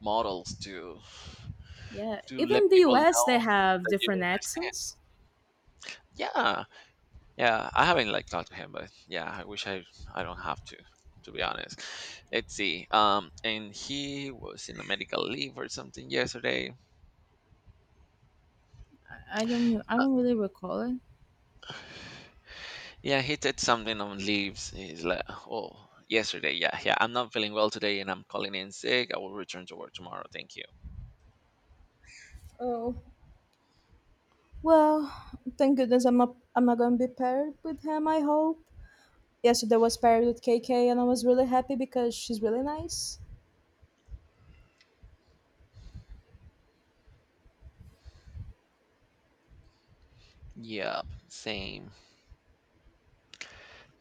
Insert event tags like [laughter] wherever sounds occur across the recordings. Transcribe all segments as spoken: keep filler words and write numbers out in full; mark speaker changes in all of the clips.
Speaker 1: Models to
Speaker 2: Yeah,
Speaker 1: to let
Speaker 2: even the
Speaker 1: people
Speaker 2: U S
Speaker 1: know
Speaker 2: they have
Speaker 1: that you
Speaker 2: different
Speaker 1: don't—
Speaker 2: accents.
Speaker 1: yeah, yeah. I haven't like talked to him, but yeah, I wish i i don't have to to be honest. Let's see. Um and he was in a medical leave or something yesterday.
Speaker 2: I I don't I don't really recall it.
Speaker 1: Yeah, he did something on leaves. He's like, oh, yesterday, yeah, yeah, I'm not feeling well today, and I'm calling in sick. I will return to work tomorrow. Thank you.
Speaker 2: Oh, well, thank goodness I'm not, I'm not gonna be paired with him, I hope. Yesterday was paired with K K and I was really happy because she's really nice.
Speaker 1: Yeah, same.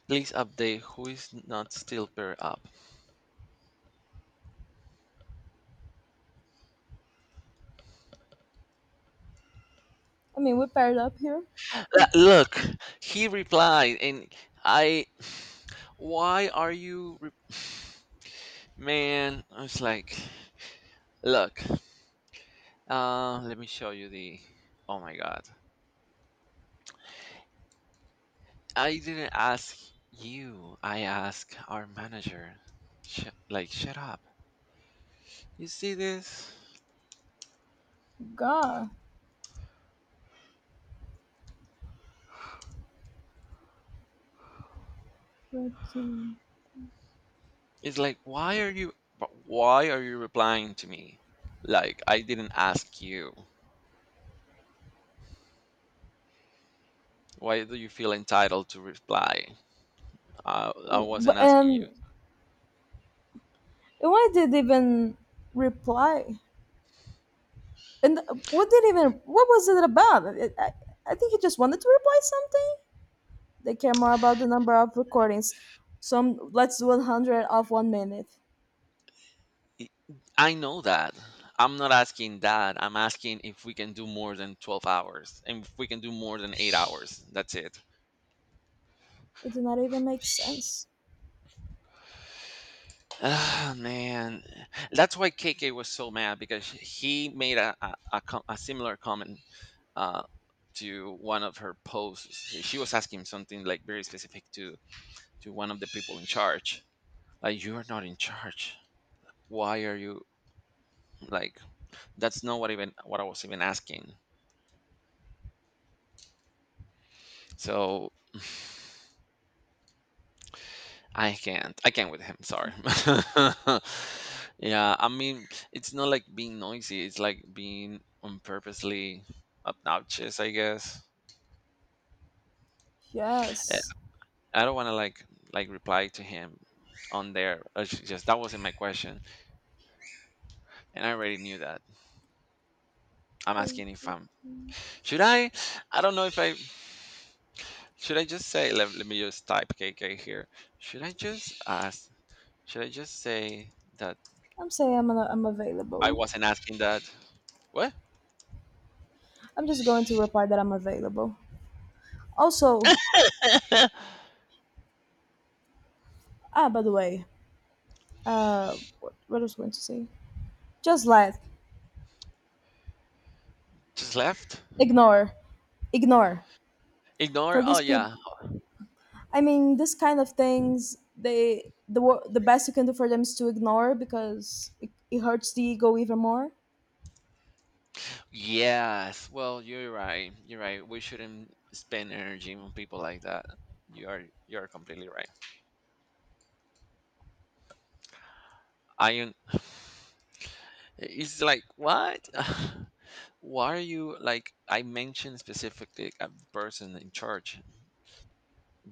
Speaker 1: Please update who is not still paired up.
Speaker 2: I mean, we paired up here.
Speaker 1: Uh, Look, he replied, and I. Why are you, re— [sighs] man? I was like, look. Uh, let me show you the. Oh my god! I didn't ask you. I asked our manager. Sh- like, shut up. You see this?
Speaker 2: God, but, um,
Speaker 1: It's like, why are you? But why are you replying to me? Like, I didn't ask you. Why do you feel entitled to reply? Uh, I wasn't
Speaker 2: but
Speaker 1: asking you.
Speaker 2: um, why did they even reply? And what did even, what was it about? I, I, I think he just wanted to reply something. They care more about the number of recordings. Some let's do a hundred of one minute.
Speaker 1: I I know that. I'm not asking that. I'm asking if we can do more than twelve hours and if we can do more than eight hours. That's it.
Speaker 2: It did not even make sense.
Speaker 1: Ah, man. That's why K K was so mad because he made a, a, a, co- a similar comment uh, to one of her posts. She was asking something like very specific to, to one of the people in charge. Like, you are not in charge. Why are you, like, that's not what even what I was even asking. So I can't. I can't with him. Sorry. [laughs] Yeah, I mean, it's not like being noisy. It's like being on purposely obnoxious, I guess. Eh,
Speaker 2: Yes.
Speaker 1: I don't want to like like reply to him on there. It's just that wasn't my question, and I already knew that. I'm
Speaker 2: I'm
Speaker 1: asking if I'm, should I. I don't know if I should. I just say let, let me just type K K here. Should I just ask? Should I just say that
Speaker 2: saying I'm, I'm
Speaker 1: I
Speaker 2: available.
Speaker 1: wasn't asking that? What?
Speaker 2: I'm just going to reply that I'm available. Also,
Speaker 1: [laughs]
Speaker 2: ah, by the way, uh, what, what was I going to say? Just let,
Speaker 1: Just left?
Speaker 2: Ignore, ignore.
Speaker 1: Ignore?
Speaker 2: For
Speaker 1: Oh,
Speaker 2: these people,
Speaker 1: yeah.
Speaker 2: I mean, this kind of things, they the wo- the best you can do for them is to ignore because it, it hurts the ego even more.
Speaker 1: Yes. Well, you're right. You're right. We shouldn't spend energy on people like that. You are you are completely right. I am- [sighs] it's like, what? [sighs] Why are you, like, I mentioned specifically a person in charge.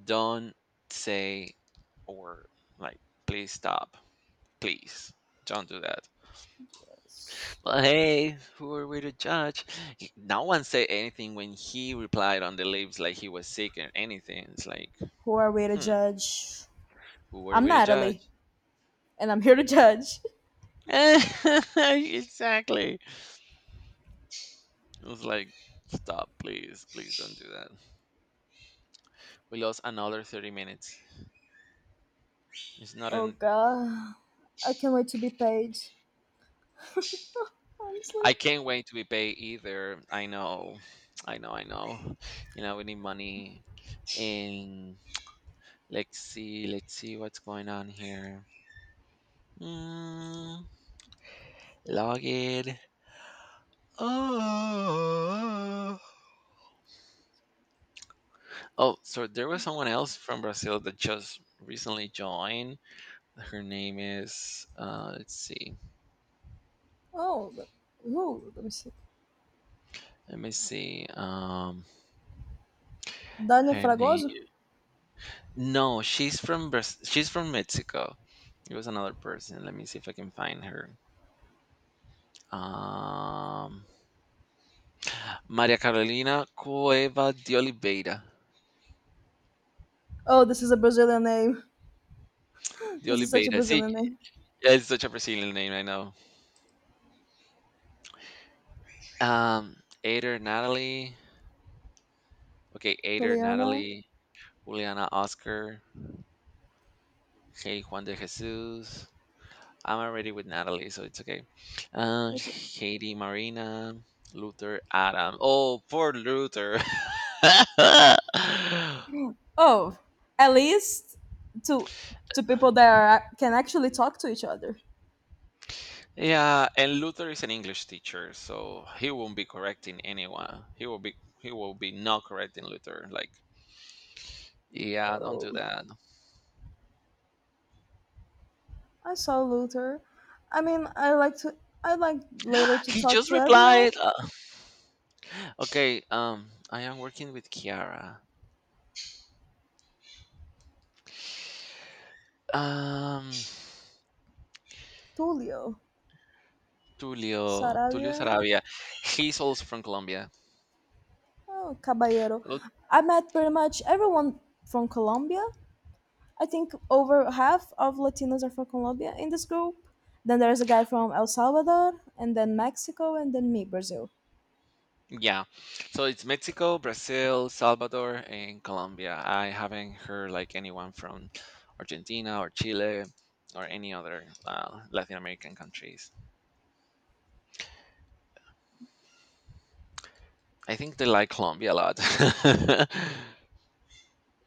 Speaker 1: Don't say, or, like, please stop. Please don't do that.
Speaker 2: Yes.
Speaker 1: Well, hey, who are we to judge? He- No one said anything when he replied on the lips like he was sick or anything. It's like,
Speaker 2: Who are we to
Speaker 1: hmm,
Speaker 2: judge?
Speaker 1: who are
Speaker 2: I'm
Speaker 1: we to
Speaker 2: Natalie,
Speaker 1: judge?
Speaker 2: and I'm here to judge. [laughs]
Speaker 1: [laughs] Exactly. It was like, stop, please, please don't do that. We lost another thirty minutes. It's not
Speaker 2: Oh
Speaker 1: an.
Speaker 2: god, I can't wait to be paid. [laughs] Honestly.
Speaker 1: I can't wait to be paid either. I know. I know, I know. You know, we need money. And let's see, let's see what's going on here. Mm, log in. Oh. Oh, so there was someone else from Brazil that just recently joined. Her name is uh let's see.
Speaker 2: Oh, th- who? Let me see.
Speaker 1: Let me see. Um
Speaker 2: Dania
Speaker 1: her
Speaker 2: Fragoso?
Speaker 1: name, no, she's from Braz- she's from Mexico. It was another person. Let me see if I can find her. Um Maria Carolina Cueva de Oliveira.
Speaker 2: Oh, this is a Brazilian name. [laughs]
Speaker 1: De
Speaker 2: This is such a
Speaker 1: Oliveira. See,
Speaker 2: Brazilian name.
Speaker 1: it's such a Brazilian name, I know. Um Ader Natalie. Okay, Ader
Speaker 2: Juliana.
Speaker 1: Natalie. Juliana Oscar. Hey, Juan de Jesus. I'm already with Natalie, so it's okay. Uh,
Speaker 2: Okay.
Speaker 1: Haiti Marina. Luther Adam. Oh, poor Luther. [laughs]
Speaker 2: Oh, at least to to people that are, can actually talk to each other.
Speaker 1: Yeah, and Luther is an English teacher, so he won't be correcting anyone. He will be he will be not correcting Luther. Like, yeah, don't do
Speaker 2: Oh,
Speaker 1: that.
Speaker 2: I saw Luther. I mean, I like to. I like later to
Speaker 1: He
Speaker 2: talk
Speaker 1: just
Speaker 2: to everyone.
Speaker 1: replied. uh, okay, um, I am working with Kiara. Um,
Speaker 2: Tulio.
Speaker 1: Tulio, Tulio
Speaker 2: Sarabia,
Speaker 1: Sarabia. He's also from Colombia.
Speaker 2: oh, Caballero.
Speaker 1: Look,
Speaker 2: I met pretty much everyone from Colombia. I think over half of Latinos are from Colombia in this group. Then there's a guy from El Salvador, and then Mexico, and then me, Brazil.
Speaker 1: yeah. So it's Mexico, Brazil, Salvador, and Colombia. I haven't heard like anyone from Argentina or Chile or any other uh, Latin American countries. I think they like Colombia a lot. [laughs]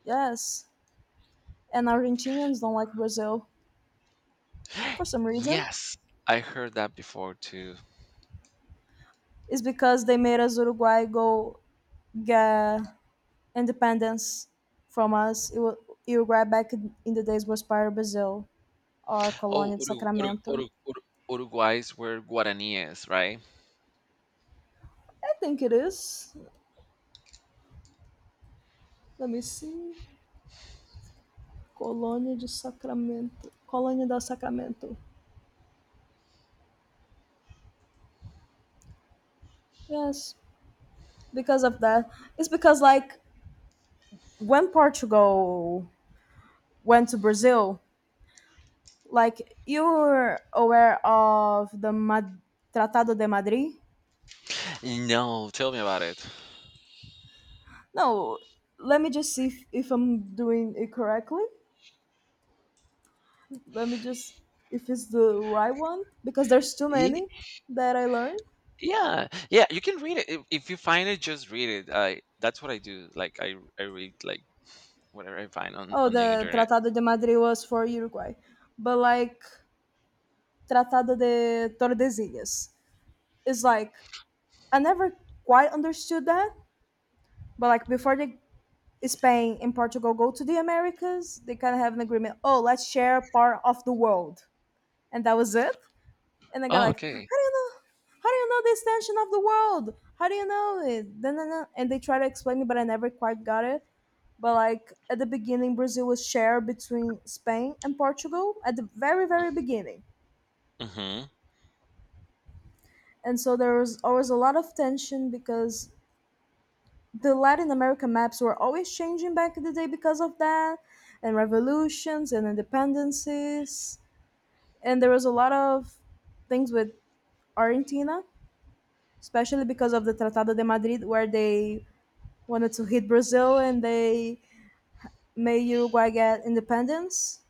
Speaker 2: Yes. And Argentinians don't like Brazil for some reason.
Speaker 1: Yes, I heard that before too.
Speaker 2: It's because they made us Uruguay go get independence from us. It was, Uruguay back in in the days was part of Brazil or
Speaker 1: Oh,
Speaker 2: Colônia de
Speaker 1: Urugu- Urugu-
Speaker 2: Sacramento.
Speaker 1: Urugu- Uruguays were Guaraníes, right?
Speaker 2: I think it is. Let me see. Colônia de Sacramento. Colônia del Sacramento. Yes, because of that. It's because like when Portugal went to Brazil, like you're aware of the Mad- Tratado de Madrid?
Speaker 1: No, tell me about it.
Speaker 2: No, let me just see if, if I'm doing it correctly. Let me just if it's the right one because there's too many that I learned.
Speaker 1: Yeah, yeah, you can read it if, if you find it. Just read it. I that's what I do. Like I I read like whatever I find on
Speaker 2: Oh,
Speaker 1: on the
Speaker 2: the
Speaker 1: internet.
Speaker 2: Tratado de Madrid was for Uruguay. But like Tratado de Tordesillas. It's like I never quite understood that, but like before the Spain and Portugal go to the Americas, they kind of have an agreement. Oh, let's share part of the world, and that was it. And I got
Speaker 1: Oh,
Speaker 2: like, how
Speaker 1: okay.
Speaker 2: do you know? How do you know the extension of the world? How do you know it? Da, na, na. And they try to explain it, but I never quite got it. But like at the beginning, Brazil was shared between Spain and Portugal at the very, very beginning.
Speaker 1: Mm-hmm.
Speaker 2: And so there was always a lot of tension because the Latin American maps were always changing back in the day because of that, and revolutions and independencies. And there was a lot of things with Argentina, especially because of the Tratado de Madrid, where they wanted to hit Brazil and they made Uruguay get independence,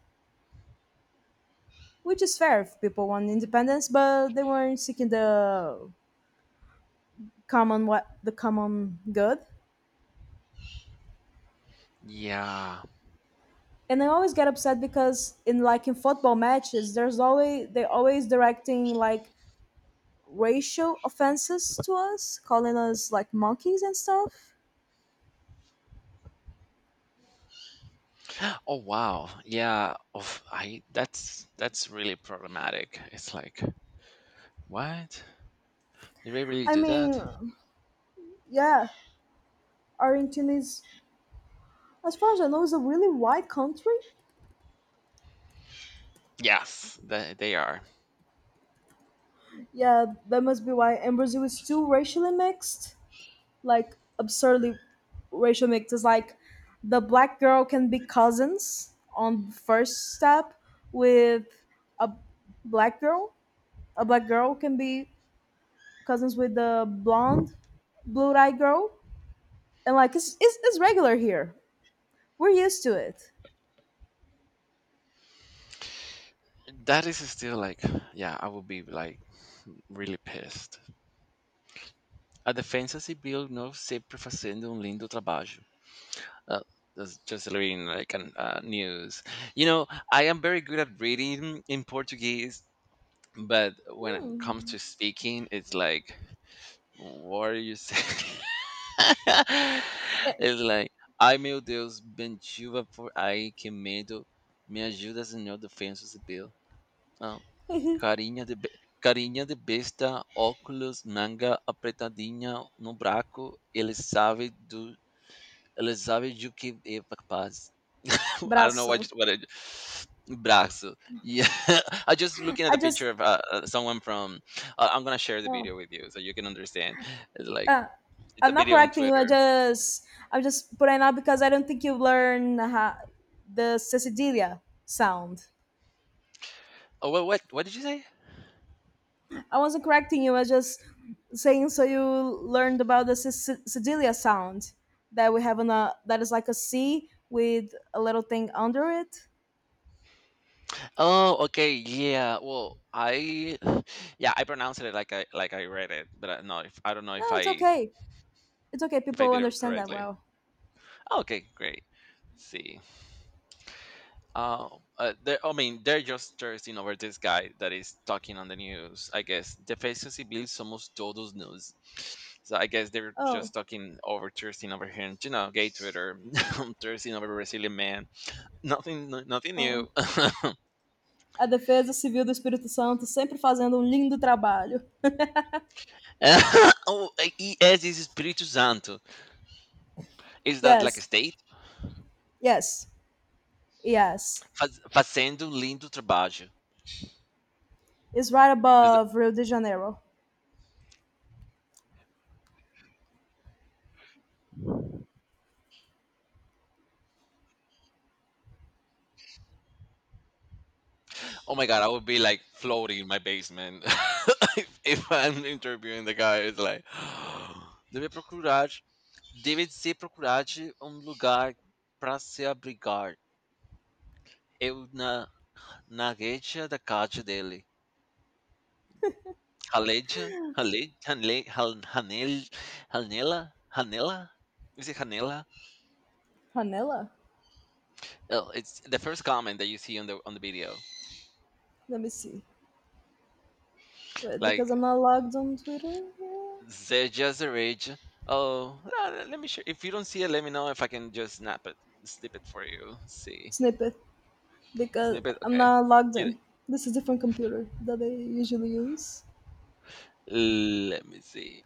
Speaker 2: which is fair if people want independence, but they weren't seeking the common what the common good.
Speaker 1: Yeah.
Speaker 2: And I always get upset because in like in football matches, there's always they always directing like racial offenses to us, calling us like monkeys and stuff.
Speaker 1: Oh wow. Yeah. Of I that's that's really problematic. It's like, what? Did they really
Speaker 2: I
Speaker 1: do that?
Speaker 2: mean, yeah, Argentina is, as far as I know, is a really white country.
Speaker 1: Yes, that they are.
Speaker 2: Yeah, that must be why. And Brazil is too racially mixed, like absurdly racial mixed. It's like the black girl can be cousins on first step with a black girl a black girl can be cousins with the blonde, blue-eyed girl, and like it's it's, it's regular here. We're used to it.
Speaker 1: That is still like, yeah. I would be like really pissed. A defensa civil não sempre fazendo um lindo trabalho. Uh, that's just reading like an, uh, news. You know, I am very good at reading in Portuguese, but when it comes
Speaker 2: Hmm.
Speaker 1: to speaking, it's like, what are you saying?
Speaker 2: Eh,
Speaker 1: [laughs] It's like, ai meu Deus, bentiva por aí, que medo. Me ajuda, Senhor, defensa civil. Ah,
Speaker 2: [laughs]
Speaker 1: carinha de. Be Carinha de besta, óculos, manga apertadinha no braco, ele sabe do, ele sabe do que é capaz. I don't know what
Speaker 2: Brazo.
Speaker 1: just what it brazo. Yeah, [laughs] I just looking at
Speaker 2: I
Speaker 1: the
Speaker 2: just
Speaker 1: picture of uh, uh, someone from. Uh, I'm gonna share the
Speaker 2: No.
Speaker 1: video with you so you can understand. It's like
Speaker 2: Uh,
Speaker 1: it's a
Speaker 2: I'm not
Speaker 1: video on
Speaker 2: correcting you. I
Speaker 1: Twitter.
Speaker 2: just I'm just putting out because I don't think you learn how, the cecidilia sound.
Speaker 1: Oh, what what what did you say?
Speaker 2: I wasn't correcting you. I was just saying so you learned about the Sic- Sicilia sound that we have on a that is like a C with a little thing under it.
Speaker 1: Oh, okay, yeah. Well, I [sighs] yeah I pronounced it like I like I read it, but I, no, if, I don't know if
Speaker 2: No, it's
Speaker 1: I
Speaker 2: okay. It's okay.
Speaker 1: if I
Speaker 2: People
Speaker 1: did it
Speaker 2: understand that
Speaker 1: correctly.
Speaker 2: well.
Speaker 1: Okay, great. See. Uh, uh, they're, I mean, they're just thirsting over this guy that is talking on the news. I guess Defensa Civil somos todos news. So I guess they're just
Speaker 2: Oh,
Speaker 1: talking over thirsting over him. You know, gay Twitter, [laughs] thirsting over Brazilian man. Nothing, no- nothing
Speaker 2: oh.
Speaker 1: new. [laughs]
Speaker 2: A Defesa Civil do Espírito Santo sempre fazendo um lindo trabalho.
Speaker 1: Oh, e esse Espírito Santo. Is that like a
Speaker 2: Yes,
Speaker 1: state?
Speaker 2: yes, yes.
Speaker 1: Faz, fazendo um lindo trabalho.
Speaker 2: It's right above Rio de Janeiro.
Speaker 1: Oh my god, I would be like floating in my basement [laughs] if, if I'm interviewing the guy. It's like, [gasps] deve procurar, deve se procurar de um lugar para se abrigar. Eu na na reja da casa dele. Raleja, rale, rale, ran- ranel, ranela, ranela. Is it ranela?
Speaker 2: Panela?
Speaker 1: Oh, it's the first comment that you see on the on the video.
Speaker 2: Let me see. Wait, because
Speaker 1: Like,
Speaker 2: I'm not logged on Twitter.
Speaker 1: they're just the rage. Oh, uh, let me share. If you don't see it, let me know if I can just snap it, snip it for you. See,
Speaker 2: Snippet. Because
Speaker 1: snip it.
Speaker 2: I'm
Speaker 1: Okay.
Speaker 2: not logged
Speaker 1: You know,
Speaker 2: in. This is different computer that I usually use.
Speaker 1: let me see.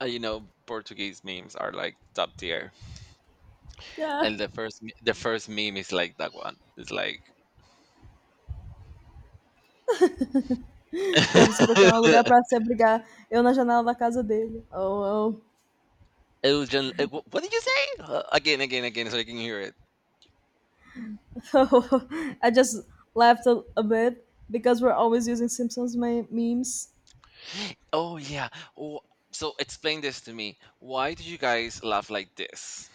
Speaker 1: Uh, you know, Portuguese memes are like top tier,
Speaker 2: Yeah.
Speaker 1: and the first me- the first meme is like that one. It's like.
Speaker 2: Deve se
Speaker 1: [laughs]
Speaker 2: procurar um lugar pra se abrigar. Eu na janela da casa dele. Oh,
Speaker 1: Elgin, eh, wh- what did you say? Uh, again, again, again, so I can hear it.
Speaker 2: oh. [laughs] I just laughed a, a bit because we're always using Simpsons me- memes.
Speaker 1: Oh yeah. Oh, so explain this to me. Why do you guys laugh like this?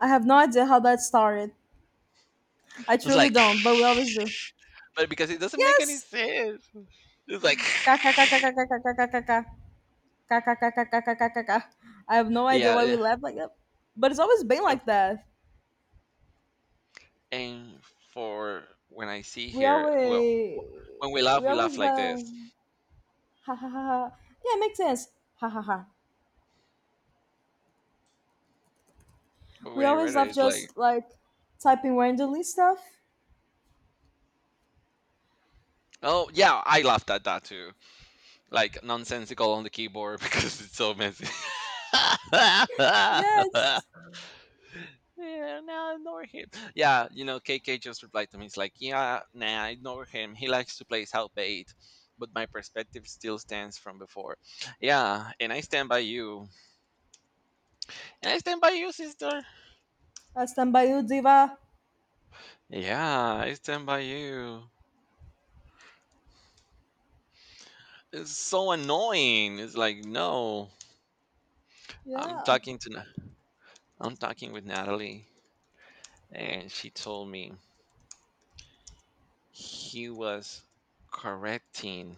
Speaker 2: I have no idea how that started. I
Speaker 1: It's
Speaker 2: truly
Speaker 1: like,
Speaker 2: don't, but
Speaker 1: [laughs]
Speaker 2: we always do.
Speaker 1: but because it doesn't make any
Speaker 2: Yes.
Speaker 1: sense. It's like, [sighs]
Speaker 2: KKKKKKKKKKK. KKKKKKKKK. I have no idea
Speaker 1: yeah,
Speaker 2: why we
Speaker 1: yeah,
Speaker 2: laugh like that, but it's always been
Speaker 1: and
Speaker 2: like that.
Speaker 1: and for when I see
Speaker 2: we
Speaker 1: here, well, wh-
Speaker 2: always
Speaker 1: when we laugh,
Speaker 2: we
Speaker 1: we
Speaker 2: always
Speaker 1: laugh like
Speaker 2: laugh,
Speaker 1: this.
Speaker 2: ha ha ha ha, yeah it makes sense, ha ha ha.
Speaker 1: But
Speaker 2: We
Speaker 1: when I read
Speaker 2: always
Speaker 1: it,
Speaker 2: laugh
Speaker 1: it's like,
Speaker 2: just like typing randomly stuff.
Speaker 1: oh yeah, I laughed at that too, like nonsensical on the keyboard [laughs] because it's so messy.
Speaker 2: Yes.
Speaker 1: [laughs] Yeah, nah, ignore him. Yeah, you know, K K just replied to me. He's like, yeah, nah, ignore him. He likes to play South bait, but my perspective still stands from before. Yeah, and I stand by you. And I stand by you, sister.
Speaker 2: I stand by you, diva.
Speaker 1: Yeah, I stand by you. It's so annoying. It's like, no, I'm
Speaker 2: Yeah,
Speaker 1: talking to Na- I'm talking with Natalie, and she told me he was correcting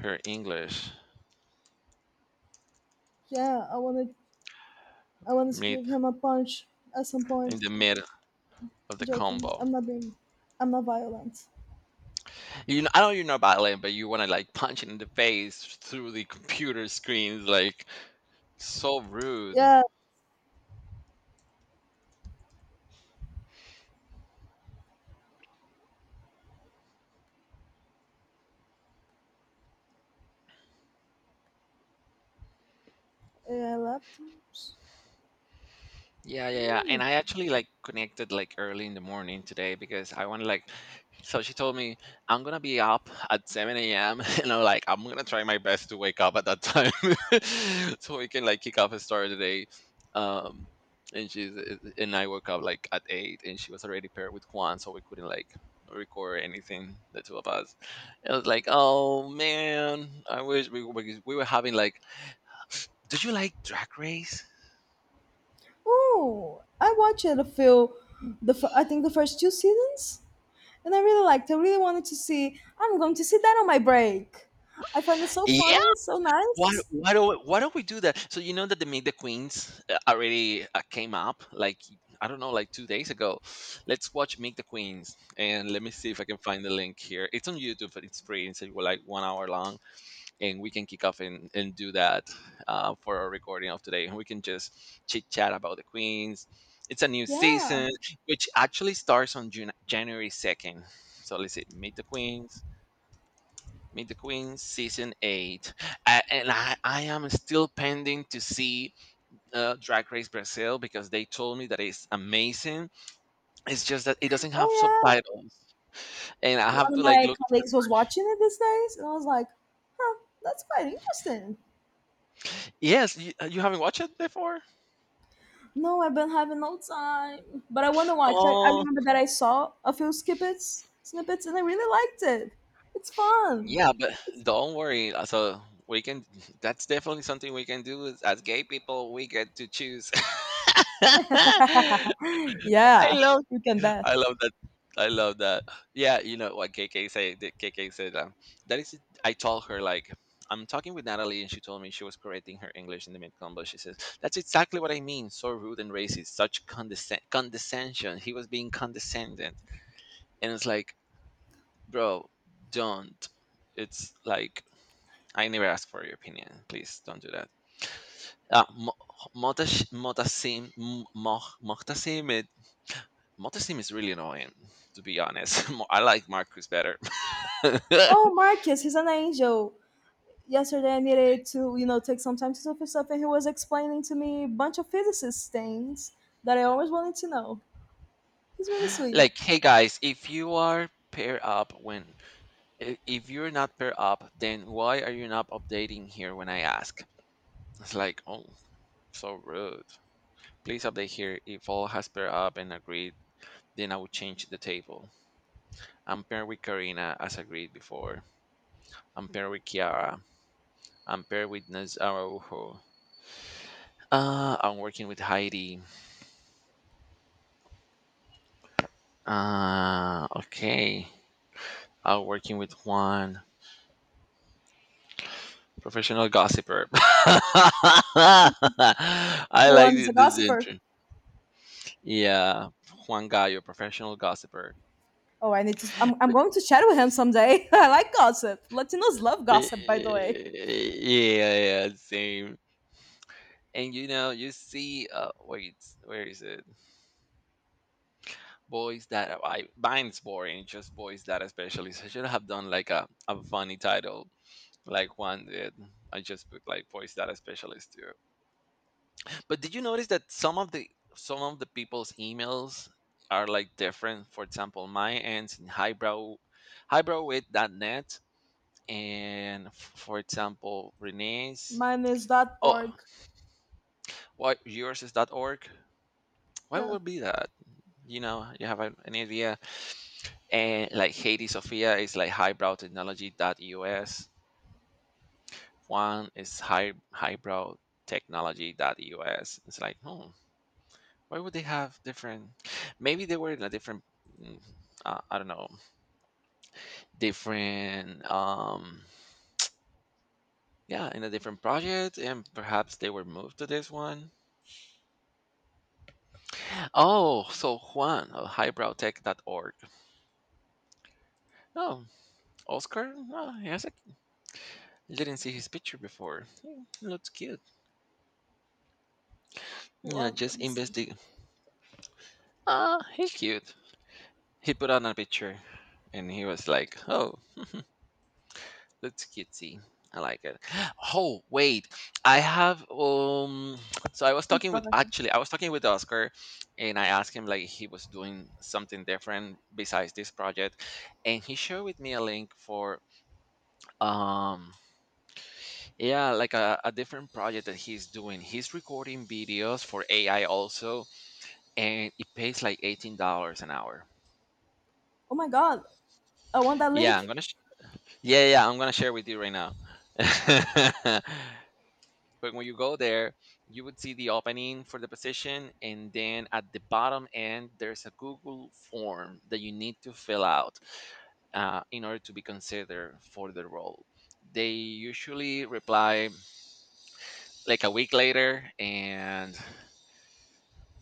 Speaker 1: her English
Speaker 2: yeah. I wanted i wanted to
Speaker 1: mid
Speaker 2: give him a punch at some
Speaker 1: in
Speaker 2: point.
Speaker 1: the mid of the
Speaker 2: Joking,
Speaker 1: combo.
Speaker 2: i'm not being i'm not violent.
Speaker 1: You know, I know you're not violent, but you want to like punch it in the face through the computer screens, like so rude.
Speaker 2: Yeah, yeah. Laptops.
Speaker 1: Yeah, yeah, yeah. And
Speaker 2: Mm.
Speaker 1: I actually like connected like early in the morning today because I wanted like so she told me I'm gonna be up at seven a m [laughs] and I'm like, I'm gonna try my best to wake up at that time [laughs] so we can like kick off and start the day. Um and she's eh, and I woke up like at eight, and she was already paired with Juan, so we couldn't like record anything, the two of us. It was like, oh man, I wish we, we we were having like, do you like drag race?
Speaker 2: Oh, I watched it a few, the fir- I think the first two seasons, and I really liked. I really wanted to see. I'm going to see that on my break. I find it so funny, so
Speaker 1: Why
Speaker 2: nice.
Speaker 1: why do we, why don't we do that? So you know that the Meet the Queens uh, already uh, came up like I don't know like two days ago. Let's watch Meet the Queens and let me see if I can find the link here. It's on YouTube, but it's free. It's like like one hour long, and we can kick off and and do that uh, for our recording of today. And we can just chit chat about the Queens. It's a new
Speaker 2: Yeah.
Speaker 1: season which actually starts on June, January second. So let's see, Meet the Queens. Meet the Queen season eight, A- and I, I am still pending to see uh, Drag Race Brazil because they told me that it's amazing. It's just that it doesn't
Speaker 2: Oh
Speaker 1: have
Speaker 2: yeah.
Speaker 1: subtitles, and I
Speaker 2: One
Speaker 1: have
Speaker 2: of
Speaker 1: to like
Speaker 2: my
Speaker 1: look for.
Speaker 2: colleagues was watching it these days, and I was like, "Huh, that's quite interesting."
Speaker 1: Yes, you, uh, you haven't watched it before.
Speaker 2: No, I've been having no time, but I want to watch. I, I
Speaker 1: Oh,
Speaker 2: remember that I saw a few snippets, snippets, and I really liked it. It's fun.
Speaker 1: yeah, but don't worry. uh, So we can. That's definitely something we can do as as gay people. We get to choose. [laughs]
Speaker 2: [laughs]
Speaker 1: I
Speaker 2: Yeah,
Speaker 1: love
Speaker 2: you can bet.
Speaker 1: I love that. I love that. Yeah, you know what K K said. the- K K said um, that is. I told her like I'm talking with Natalie, and she told me she was correcting her English in the mid combo. She says that's exactly what I mean. So rude and racist. Such condescend condescension. He was being condescending, and it's like, bro, don't. It's like I never asked for your opinion. Please don't do that. Uh, Mo- Motash- Motasim M- Mo- Motasim Montestim is really annoying, to be honest. [laughs] Mo- I like Marcus better.
Speaker 2: Oh,
Speaker 1: [laughs]
Speaker 2: Marcus, he's an angel. Yesterday I needed to, you know, take some time to do for stuff, and he was explaining to me a bunch of physicist things that I always wanted to know. He's really sweet.
Speaker 1: Like, hey guys, if you are pair up, when i- if you're not pair up, then why are you not updating here when I ask? It's like, oh, so rude. Please update here. If all has pair up and agreed, then I will change the table. I'm paired with Karina as agreed before. I'm paired with Kiara. I'm paired with Naz Araujo. Uh, I'm working with Heidi. Uh, okay. Uh, working with Juan, professional gossiper. [laughs] I like
Speaker 2: Juan
Speaker 1: thi-
Speaker 2: is a
Speaker 1: this
Speaker 2: gossiper.
Speaker 1: intro. Yeah, Juan Gallo, professional gossiper.
Speaker 2: Oh, I need to. I'm, I'm
Speaker 1: But,
Speaker 2: going to chat with him someday. [laughs] I like gossip.
Speaker 1: uh,
Speaker 2: Latinos love
Speaker 1: eh,
Speaker 2: gossip, by the way.
Speaker 1: eh, eh, Yeah, yeah, same. And you know, you see, uh, wait, where is it? Boys that I mine's boring, just boys that especially. So I should have done like a, a funny title, like Juan did. I just put like boys that especially too. But did you notice that some of the some of the people's emails are like different? For example, mine ends in highbrow highbrow with dot net, and f- for example, Renee's.
Speaker 2: Mine is dot
Speaker 1: Oh,
Speaker 2: .org.
Speaker 1: why yours is dot org? Why
Speaker 2: Yeah,
Speaker 1: would be that? You know, you have an, an idea. And like Haiti Sophia is like highbrow technology dot u s. One is high highbrow technology.us. It's like, hmm, why would they have different? Maybe they were in a different. mm, Uh, I don't know. Different. Um. Yeah, in a different project, and perhaps they were moved to this one. Oh, so Juan of highbrowtech dot org. Oh, Oscar? Oh, he has a, I didn't see his picture before. Hmm, looks cute. Yeah,
Speaker 2: Juan. Let
Speaker 1: just
Speaker 2: me see.
Speaker 1: investigate. Ah, he's cute. He put on a picture, and he was like, oh, that's cutesy. I like it. Oh wait, I have um. So I was
Speaker 2: [laughs]
Speaker 1: talking with,
Speaker 2: Profession.
Speaker 1: actually I was talking with Oscar, and I asked him like he was doing something different besides this project, and he shared with me a link for um yeah, like a, a different project that he's doing. He's recording videos for A I also, and it pays like eighteen dollars an hour.
Speaker 2: Oh my god, I want that
Speaker 1: Yeah, I'm
Speaker 2: link.
Speaker 1: gonna sh- yeah, yeah, I'm gonna share with you right now. [laughs] But when you go there, you would see the opening for the position, and then at the bottom end, there's a Google form that you need to fill out uh, in order to be considered for the role. They usually reply like a week later, and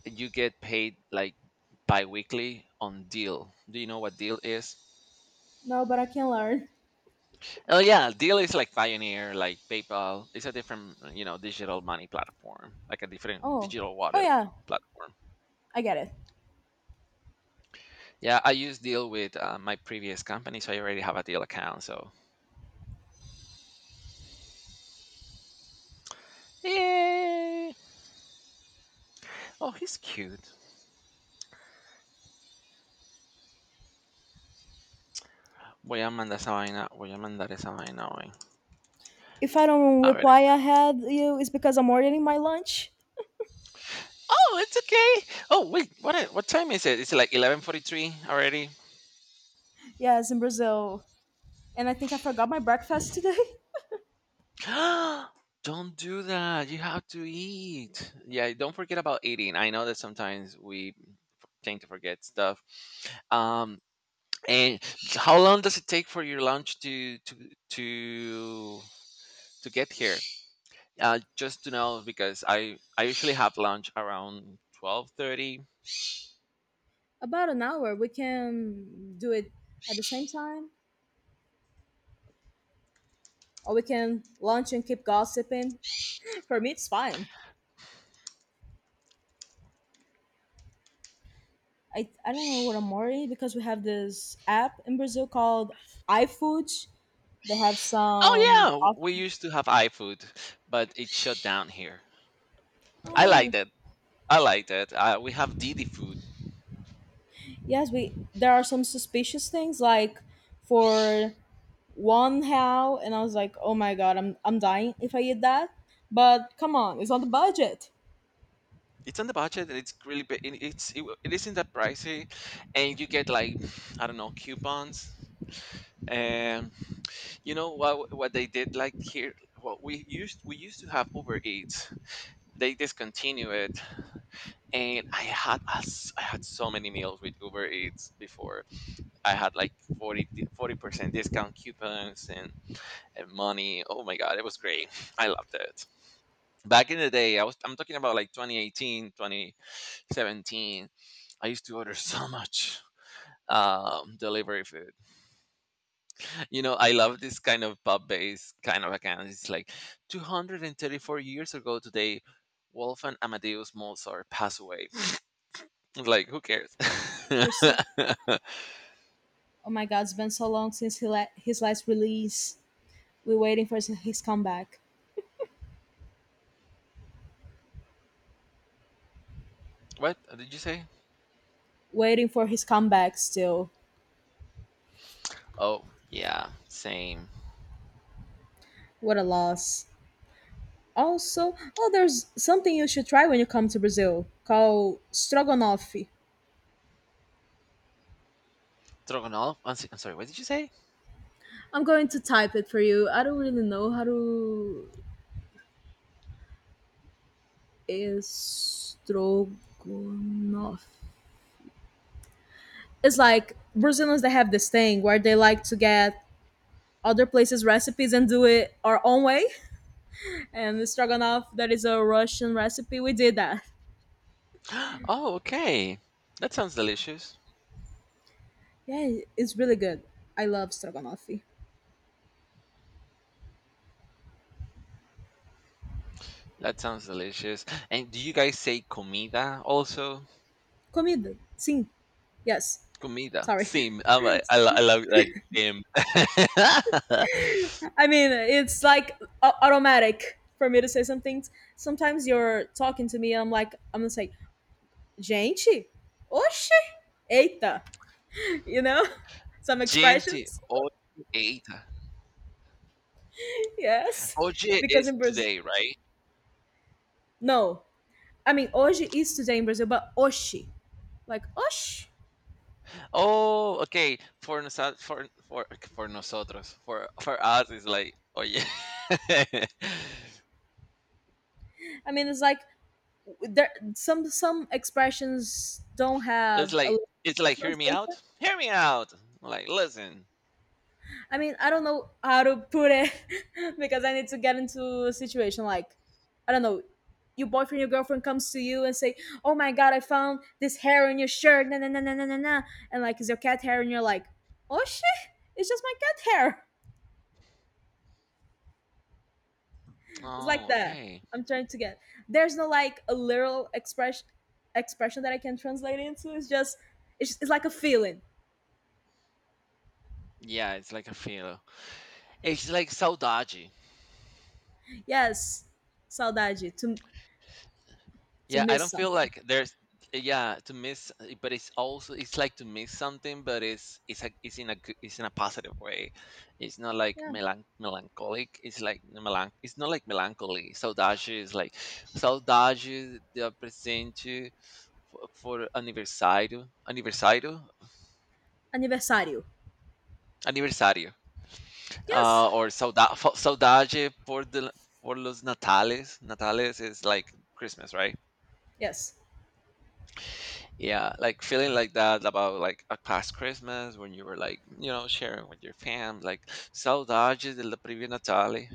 Speaker 1: you get paid like bi-weekly on deal. Do you know what deal is?
Speaker 2: No, but I can learn.
Speaker 1: Oh yeah, deal is like pioneer, like PayPal. It's a different, you know digital money platform, like a different
Speaker 2: Oh,
Speaker 1: digital
Speaker 2: oh
Speaker 1: wallet
Speaker 2: yeah,
Speaker 1: platform.
Speaker 2: I get it.
Speaker 1: Yeah, I use Deal with uh, my previous company, so I already have a Deal account. So, yay! Oh, he's cute. Voy a mandar esa vaina, voy a mandar esa vaina hoy.
Speaker 2: If I don't
Speaker 1: A ver.
Speaker 2: reply ahead, you it's because I'm ordering my lunch.
Speaker 1: Oh, it's okay. Oh, wait, what i- what time is it? It's like eleven forty-three already.
Speaker 2: Yes, in Brazil, and I think I forgot my breakfast today.
Speaker 1: [gasps] Don't do that. You have to eat. Yeah, don't forget about eating. I know that sometimes we tend to forget stuff. Um, and how long does it take for your lunch to to to to get here? Uh, just to know, because I I usually have lunch around twelve thirty.
Speaker 2: [laughs] About an hour, we can do it at the same time, or we can lunch and keep gossiping. [laughs] For me, it's fine. I, I don't know what I'm worried because we have this app in Brazil called iFood. They have
Speaker 1: Oh yeah,
Speaker 2: some
Speaker 1: w-
Speaker 2: off-
Speaker 1: we used to have iFood, but it shut down here. I liked
Speaker 2: oh,
Speaker 1: it. I liked it. Uh, we have Didi food.
Speaker 2: yes, we there are some suspicious things, like for one how, and I was like, oh my god, I'm I'm dying if I eat that, but come on, it's on the budget.
Speaker 1: It's on the budget, and it's really ba- it, it's it, it isn't that pricey, and you get like, I don't know, coupons. And you know what what they did like here? What we used we used to have Uber Eats. They discontinue it, and I had a s- I had so many meals with Uber Eats before. I had like forty percent discount coupons and, and money. Oh my god, it was great. [laughs] I loved it. Back in the day, I was I'm talking about like twenty eighteen, twenty seventeen. I used to order so much um delivery food. You know, I love this kind of pub based kind of account. It's like two hundred thirty-four years ago today, Wolfgang Amadeus Mozart passed away. [laughs] Like, who cares?
Speaker 2: We're
Speaker 1: [laughs]
Speaker 2: sick. Oh my God, it's been so long since he let his last release. We're waiting for his, his comeback.
Speaker 1: What did you say?
Speaker 2: Waiting for his comeback still.
Speaker 1: Oh yeah, same.
Speaker 2: What a loss. Also, oh, there's something you should try when you come to Brazil called stroganoff.
Speaker 1: Stroganoff. I'm s- I'm sorry. What did you say?
Speaker 2: I'm going to type it for you. I don't really know how to.
Speaker 1: [gasps]
Speaker 2: Stroganoff. It's like Brazilians that have this thing where they like to get other places' recipes and do it our own way. And the stroganoff that is a Russian recipe. We did that.
Speaker 1: Oh, okay. That sounds delicious.
Speaker 2: Yeah, it's really good. I love stroganoff.
Speaker 1: That sounds delicious. And do you guys say comida also?
Speaker 2: Comida. Sim. Yes.
Speaker 1: Comida.
Speaker 2: Sorry.
Speaker 1: Sim. I, like, I, lo- I love like sim. [laughs]
Speaker 2: [laughs] I mean, it's like a- automatic for me to say some things. Sometimes you're talking to me I'm like, I'm gonna say, gente, oxe, eita, you know? [laughs] Some
Speaker 1: Gente,
Speaker 2: expressions. [laughs]
Speaker 1: hoje eita.
Speaker 2: Yes.
Speaker 1: Hoje
Speaker 2: Because
Speaker 1: is
Speaker 2: in Brazil,
Speaker 1: today, right?
Speaker 2: no. I mean, hoje is today in Brazil, but oxe, like osh.
Speaker 1: Oh, okay. For nosa- for for for nosotros, for for us, it's like, oh yeah. [laughs]
Speaker 2: I mean, it's like there some some expressions don't
Speaker 1: it's
Speaker 2: have a
Speaker 1: like
Speaker 2: lot of
Speaker 1: it's like, hear me
Speaker 2: translation.
Speaker 1: out, hear me out. Like, listen.
Speaker 2: I mean, I don't know how to put it [laughs] because I need to get into a situation like I don't know. Your boyfriend, your girlfriend comes to you and say, "Oh my god, I found this hair on your shirt." Na na na na na na na. And like, it's your cat hair? And you're like, "Oh shit, it's just my cat hair." [laughs] It's
Speaker 1: Oh,
Speaker 2: like that.
Speaker 1: okay.
Speaker 2: I'm trying to get. There's no like a literal expression expression that I can translate into. It's just it's, it's like a feeling.
Speaker 1: Yeah, it's like a feel. It's like saudade.
Speaker 2: Yes. Saudade. To to
Speaker 1: Yeah, I
Speaker 2: miss
Speaker 1: don't feel
Speaker 2: something.
Speaker 1: like there's. Yeah, to miss, eh, but it's also, it's like to miss something, but it's it's like, it's in a good- it's in a positive way. It's not like
Speaker 2: Yeah.
Speaker 1: melan-, melancholic. It's like melan. It's not like melancholy. Saudade is like saudade de presente for, for aniversário, aniversário,
Speaker 2: Aniversário.
Speaker 1: aniversário.
Speaker 2: Yes.
Speaker 1: Uh, or saudade saudade por de, por los natales. Natales is like Christmas, right?
Speaker 2: Yes.
Speaker 1: Yeah, like feeling like that about like a past Christmas when you were like, you know, sharing with your fam, like saudades della previa Natale.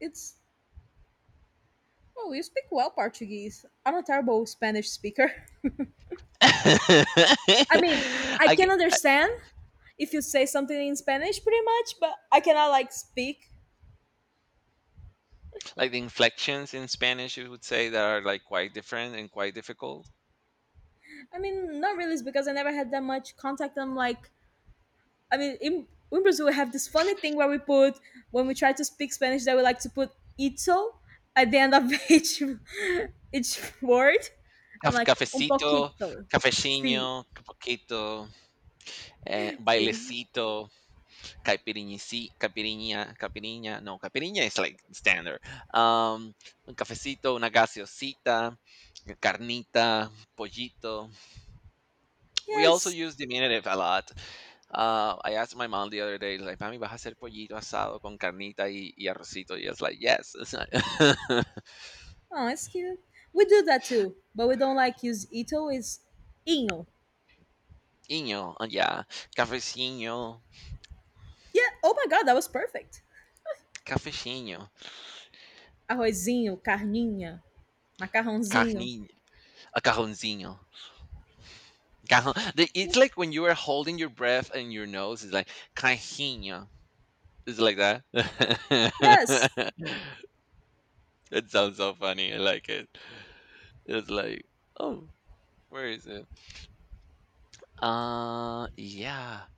Speaker 2: It's oh, you speak well Portuguese. I'm a terrible Spanish speaker.
Speaker 1: [laughs]
Speaker 2: [laughs] I mean, I
Speaker 1: I get
Speaker 2: can
Speaker 1: I-
Speaker 2: understand if you say something in Spanish pretty much, but I cannot like speak.
Speaker 1: like the inflections in Spanish, you would say, that are like quite different and quite difficult.
Speaker 2: I mean, not really it's because I never had that much contact. I'm like I mean, in, in Brazil, we have this funny thing where we put, when we try to speak Spanish, that we like to put ito at the end of [laughs] each, each word. I'm
Speaker 1: Caf-
Speaker 2: like, un
Speaker 1: Cafecito,
Speaker 2: poquito. See,
Speaker 1: cafecino, poquito, eh,
Speaker 2: see.
Speaker 1: bailecito. Caipirinha sí, caipirinha caipirinha, no, caipirinha is like standard. Um, un cafecito, una gaseosita, carnita, pollito. We also
Speaker 2: Yes.
Speaker 1: use diminutive a lot. Uh, I asked my mom the other day, like, mami, ¿vas a hacer pollito asado con carnita y, y arrocito? Y it's like, yes. It's like,
Speaker 2: Oh, it's cute. We do that too, but we don't like use ito, it's inho.
Speaker 1: [laughs] iño, uh, yeah. Cafeciño,
Speaker 2: Yeah. Oh my God, that was perfect.
Speaker 1: cafeciño,
Speaker 2: Arrozinho, carninha, macarrãozinho.
Speaker 1: carni, a cajoncillo. Cajon. the- It's like when you are holding your breath and your nose is like, cajinho. It's like that?
Speaker 2: Yes.
Speaker 1: [laughs] It sounds so funny. I like it. It's like, "Oh, where is it?" "Uh, yeah,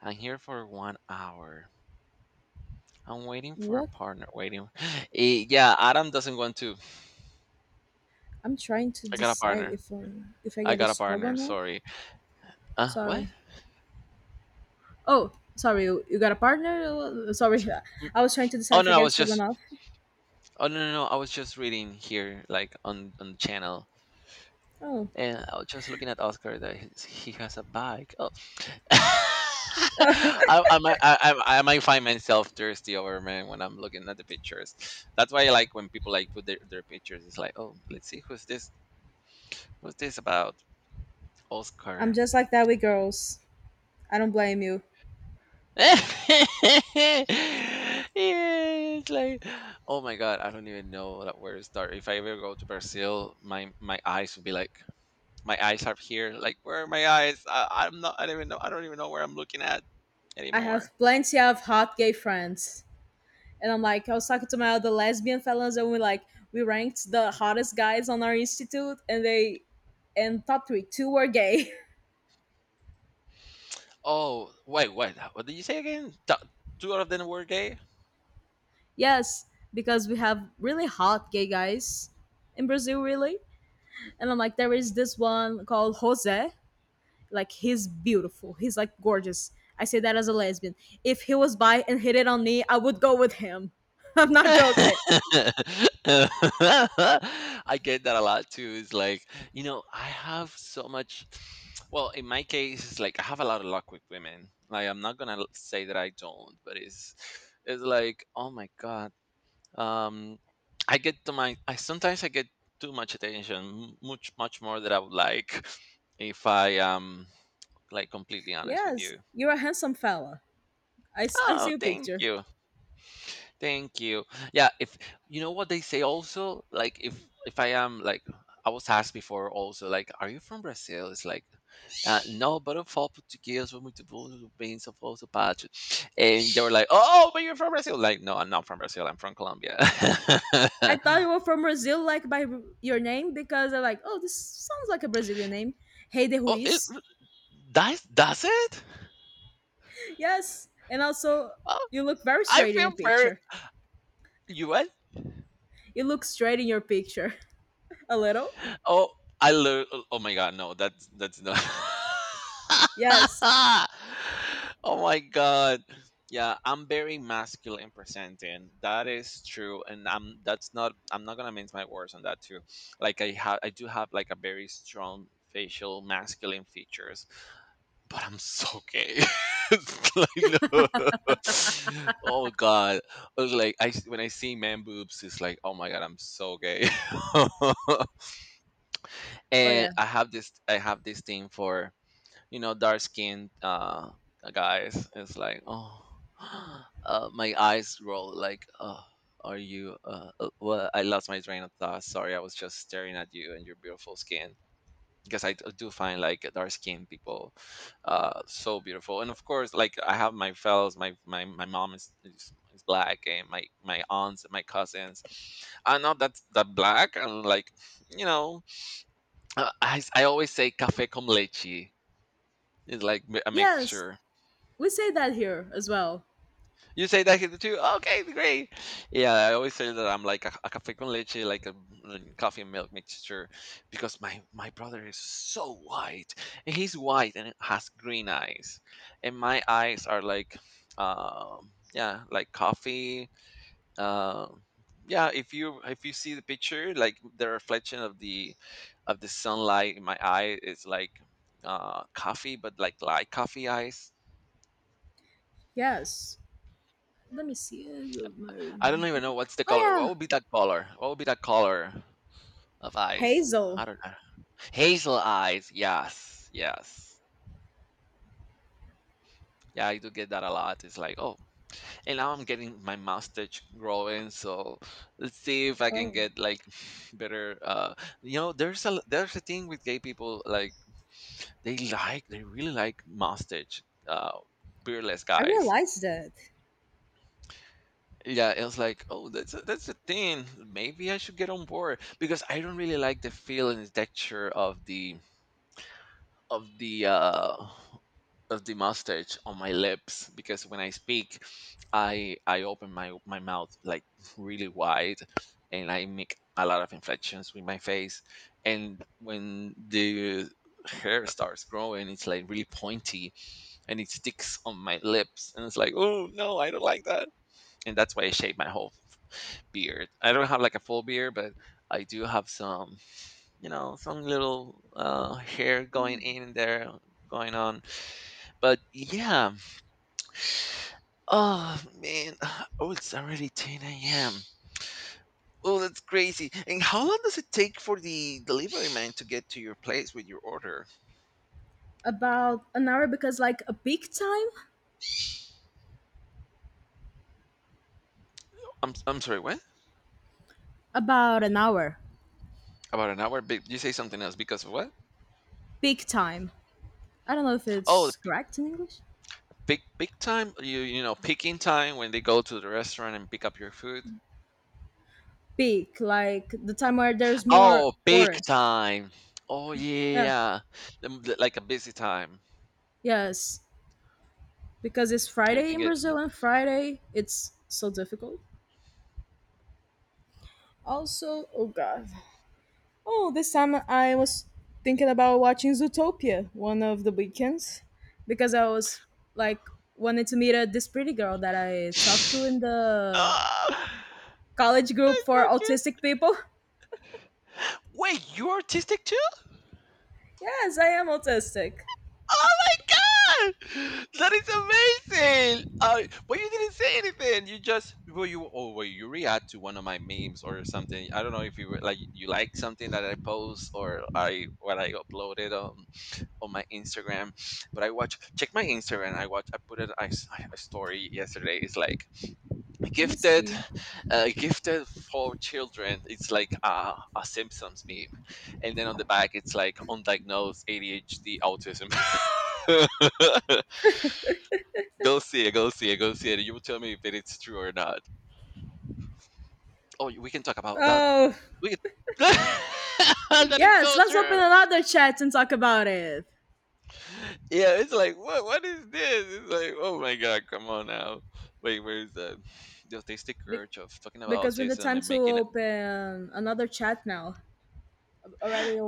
Speaker 1: I'm here for one hour. I'm waiting for a
Speaker 2: What?
Speaker 1: partner, waiting." [gasps] Eh, yeah, Adam doesn't want to.
Speaker 2: I'm trying to
Speaker 1: I got a
Speaker 2: decide
Speaker 1: partner.
Speaker 2: if I if I
Speaker 1: I
Speaker 2: get a
Speaker 1: got a partner,
Speaker 2: stroganoff.
Speaker 1: sorry. "Uh, what?"
Speaker 2: Sorry. Oh, sorry, you, you got a partner? Uh, Sorry,
Speaker 1: Mm.
Speaker 2: [laughs] I was trying to decide
Speaker 1: Oh,
Speaker 2: if
Speaker 1: no,
Speaker 2: I
Speaker 1: I
Speaker 2: get
Speaker 1: was
Speaker 2: it or
Speaker 1: just.
Speaker 2: not.
Speaker 1: Oh, no, no, no, I was just reading here, like, on on the channel,
Speaker 2: Oh,
Speaker 1: and I was just looking at Oscar, that he's he has a bike. Oh, [laughs]
Speaker 2: [laughs]
Speaker 1: I, I, might- I, I I might find myself thirsty over man when I'm looking at the pictures. That's why I like when people like put their, their pictures. It's like, oh, let's see who's this, who's this about
Speaker 2: I'm
Speaker 1: Oscar.
Speaker 2: just like that with girls. I don't blame you.
Speaker 1: [laughs] Yeah, it's like, oh my god, I don't even know that where to start. If I ever go to Brazil, my my eyes will be like, my eyes are here. Like, where are my eyes? I, I'm not. I don't even know. I don't even know where I'm looking at
Speaker 2: I have
Speaker 1: anymore.
Speaker 2: plenty of hot gay friends. And I'm like, I was talking to my other lesbian fellows, and we like we ranked the hottest guys on our institute, and they and top three, two were gay.
Speaker 1: Oh, wait, wait. uh, What did you say again? Th- two out of them were gay?
Speaker 2: [laughs] Yes, because we have really hot gay guys in Brazil, really. And I'm like, there is this one called Jose, like he's beautiful. He's like gorgeous. I say that as a lesbian. If he was bi and hit it on me, I would go with him. [laughs] I'm
Speaker 1: [laughs]
Speaker 2: not joking.
Speaker 1: I get that a lot too. It's like, you know, I have so much. Well, in my case, it's like I have a lot of luck with women. Like, I'm not gonna say that I don't, but it's it's like, oh my god. Um, I get to my. I sometimes I get too much attention, much much more than I would like, if I am like completely honest with
Speaker 2: Yes,
Speaker 1: you.
Speaker 2: you're a handsome fella. I, s- I
Speaker 1: Oh,
Speaker 2: see a
Speaker 1: thank
Speaker 2: picture.
Speaker 1: you. Thank you. Yeah, if you know what they say also, like, if if I am like, I was asked before also, like, are you from Brazil? It's like, uh, no, but I'm from Portuguese, from muito bom, bem, sou falso pátrio. And they were like, "Oh, but you're from Brazil." Like, "No, I'm not from Brazil. I'm from Colombia." [laughs]
Speaker 2: I thought you were from Brazil, like by r- your name, because I'm like, oh, this sounds like a Brazilian name. Hey
Speaker 1: Oh, it.
Speaker 2: Ruiz.
Speaker 1: That's that's it?
Speaker 2: Yes, and also
Speaker 1: Oh,
Speaker 2: you look very
Speaker 1: I
Speaker 2: straight in
Speaker 1: feel
Speaker 2: your
Speaker 1: very
Speaker 2: picture.
Speaker 1: you.
Speaker 2: You look straight in your picture. [laughs] A little.
Speaker 1: Oh, I learned. Oh, oh my god, no, that's that's not.
Speaker 2: Yes.
Speaker 1: [laughs] Oh my god, yeah, I'm very masculine presenting. That is true, and I'm that's not. I'm not gonna mince my words on that too. Like, I have, I do have like a very strong facial masculine features, but I'm so gay. [laughs] It's like, no. [laughs] Oh god, I like I when I see man boobs, it's like, oh my god, I'm so gay. [laughs]
Speaker 2: Oh
Speaker 1: and
Speaker 2: yeah.
Speaker 1: i have this i have this thing for you know dark skinned uh guys. It's like, oh. [gasps] Uh, my eyes roll like, oh. are you uh uh, Well, I lost my train of thought. Sorry, I was just staring at you and your beautiful skin, because i d- do find, like, dark skinned people uh so beautiful. And of course, like, I have my fellows, my my, my mom is, is is black, and my my aunts and my cousins. I'm not that that black. I'm like you know uh, I, s- I always say café con leche. It's like mi- a
Speaker 2: Yes,
Speaker 1: mixture.
Speaker 2: we say that here as well.
Speaker 1: You say that here too? Okay, great. Yeah, I always say that I'm like a, a café con leche, like a mm, coffee and milk mixture, because my my brother is so white. And he's white and has green eyes, and my eyes are like, um, yeah, like coffee. uh, yeah, if you if you see the picture, like, the reflection of the of the sunlight in my eye is like uh coffee, but like light coffee eyes.
Speaker 2: Yes. Let me see. uh,
Speaker 1: I don't even
Speaker 2: Margot.
Speaker 1: know what's the color,
Speaker 2: Oh
Speaker 1: what would
Speaker 2: yeah,
Speaker 1: be that color what would be that color of eyes. I
Speaker 2: Hazel.
Speaker 1: don't know. Hazel eyes, yes, yes. Yeah, I do get that a lot. It's like, oh. And now I'm getting my mustache growing, so let's see if I can
Speaker 2: Oh,
Speaker 1: get like [laughs] [sighs] better. Uh you know there's a there's a thing with gay people, like, they like they really like mustache uh beardless
Speaker 2: I
Speaker 1: guys.
Speaker 2: realized that.
Speaker 1: Yeah, it was like, oh, that's a, that's a thing. Maybe I should get on board, because I don't really like the feel and the texture of the of the uh of the mustache on my lips, because when I speak, i i open my my mouth like really wide, and I make a lot of inflections with my face. And when the hair starts growing, it's like really pointy, and it sticks on my lips, and it's like, oh no, I don't like that. And that's why I shave my whole beard. I don't have like a full beard, but I do have some, you know some little uh hair going in and there, going on. But yeah. Oh man, [sighs] oh, it's already ten a m. Oh, that's crazy. And how long does it take for the delivery man to get to your place with your order?
Speaker 2: About an hour because like a peak time.
Speaker 1: I'm, I'm sorry, what?
Speaker 2: About an hour.
Speaker 1: About an hour. Be- you say something else, because of what?
Speaker 2: Peak time. I don't know if
Speaker 1: Oh.
Speaker 2: it's correct in English.
Speaker 1: Big big time? You you know, picking time, when they go to the restaurant and pick up your food?
Speaker 2: Peak, like the time where there's more
Speaker 1: Oh, big
Speaker 2: tourists.
Speaker 1: time. Oh,
Speaker 2: Yeah.
Speaker 1: yeah. Um, th- Like a busy time.
Speaker 2: Yes. Because it's Friday
Speaker 1: Everything
Speaker 2: in
Speaker 1: gets busy.
Speaker 2: Brazil and Friday it's so difficult. Also, oh god. Oh, this time I was thinking about watching Zootopia one of the weekends because I was like wanted to meet a, this pretty girl that I talked to in
Speaker 1: [sighs] [laughs]
Speaker 2: the
Speaker 1: Ah,
Speaker 2: college group
Speaker 1: that's
Speaker 2: for
Speaker 1: okay.
Speaker 2: autistic people. [laughs]
Speaker 1: Wait, you're artistic too?
Speaker 2: Yes, I am autistic.
Speaker 1: Oh my god! That is amazing! Uh, well, you didn't say anything. You just, well, you, oh, well, you react to one of my memes or something. I don't know if you were, like, you like something that I post or I what I uploaded on on my Instagram. But I watch, check my Instagram. I watch, I put it I a story yesterday. It's like
Speaker 2: Let me
Speaker 1: gifted,
Speaker 2: see.
Speaker 1: uh, gifted for children. It's like a, a Simpsons meme. And then on the back, it's like undiagnosed A D H D autism. [laughs] Go see it, go see it, go see it. You will tell me if it's true or not. Oh, we can talk about that.
Speaker 2: Oh,
Speaker 1: We can... [laughs] That is
Speaker 2: yes,
Speaker 1: so
Speaker 2: let's open
Speaker 1: true.
Speaker 2: another chat and talk about it.
Speaker 1: Yeah, it's like what what is this? It's like, oh my god, come on now. Wait, where's the the autistic
Speaker 2: Be-
Speaker 1: urge of talking about
Speaker 2: because we need
Speaker 1: autism
Speaker 2: time
Speaker 1: and
Speaker 2: to
Speaker 1: making it
Speaker 2: open another chat now. Already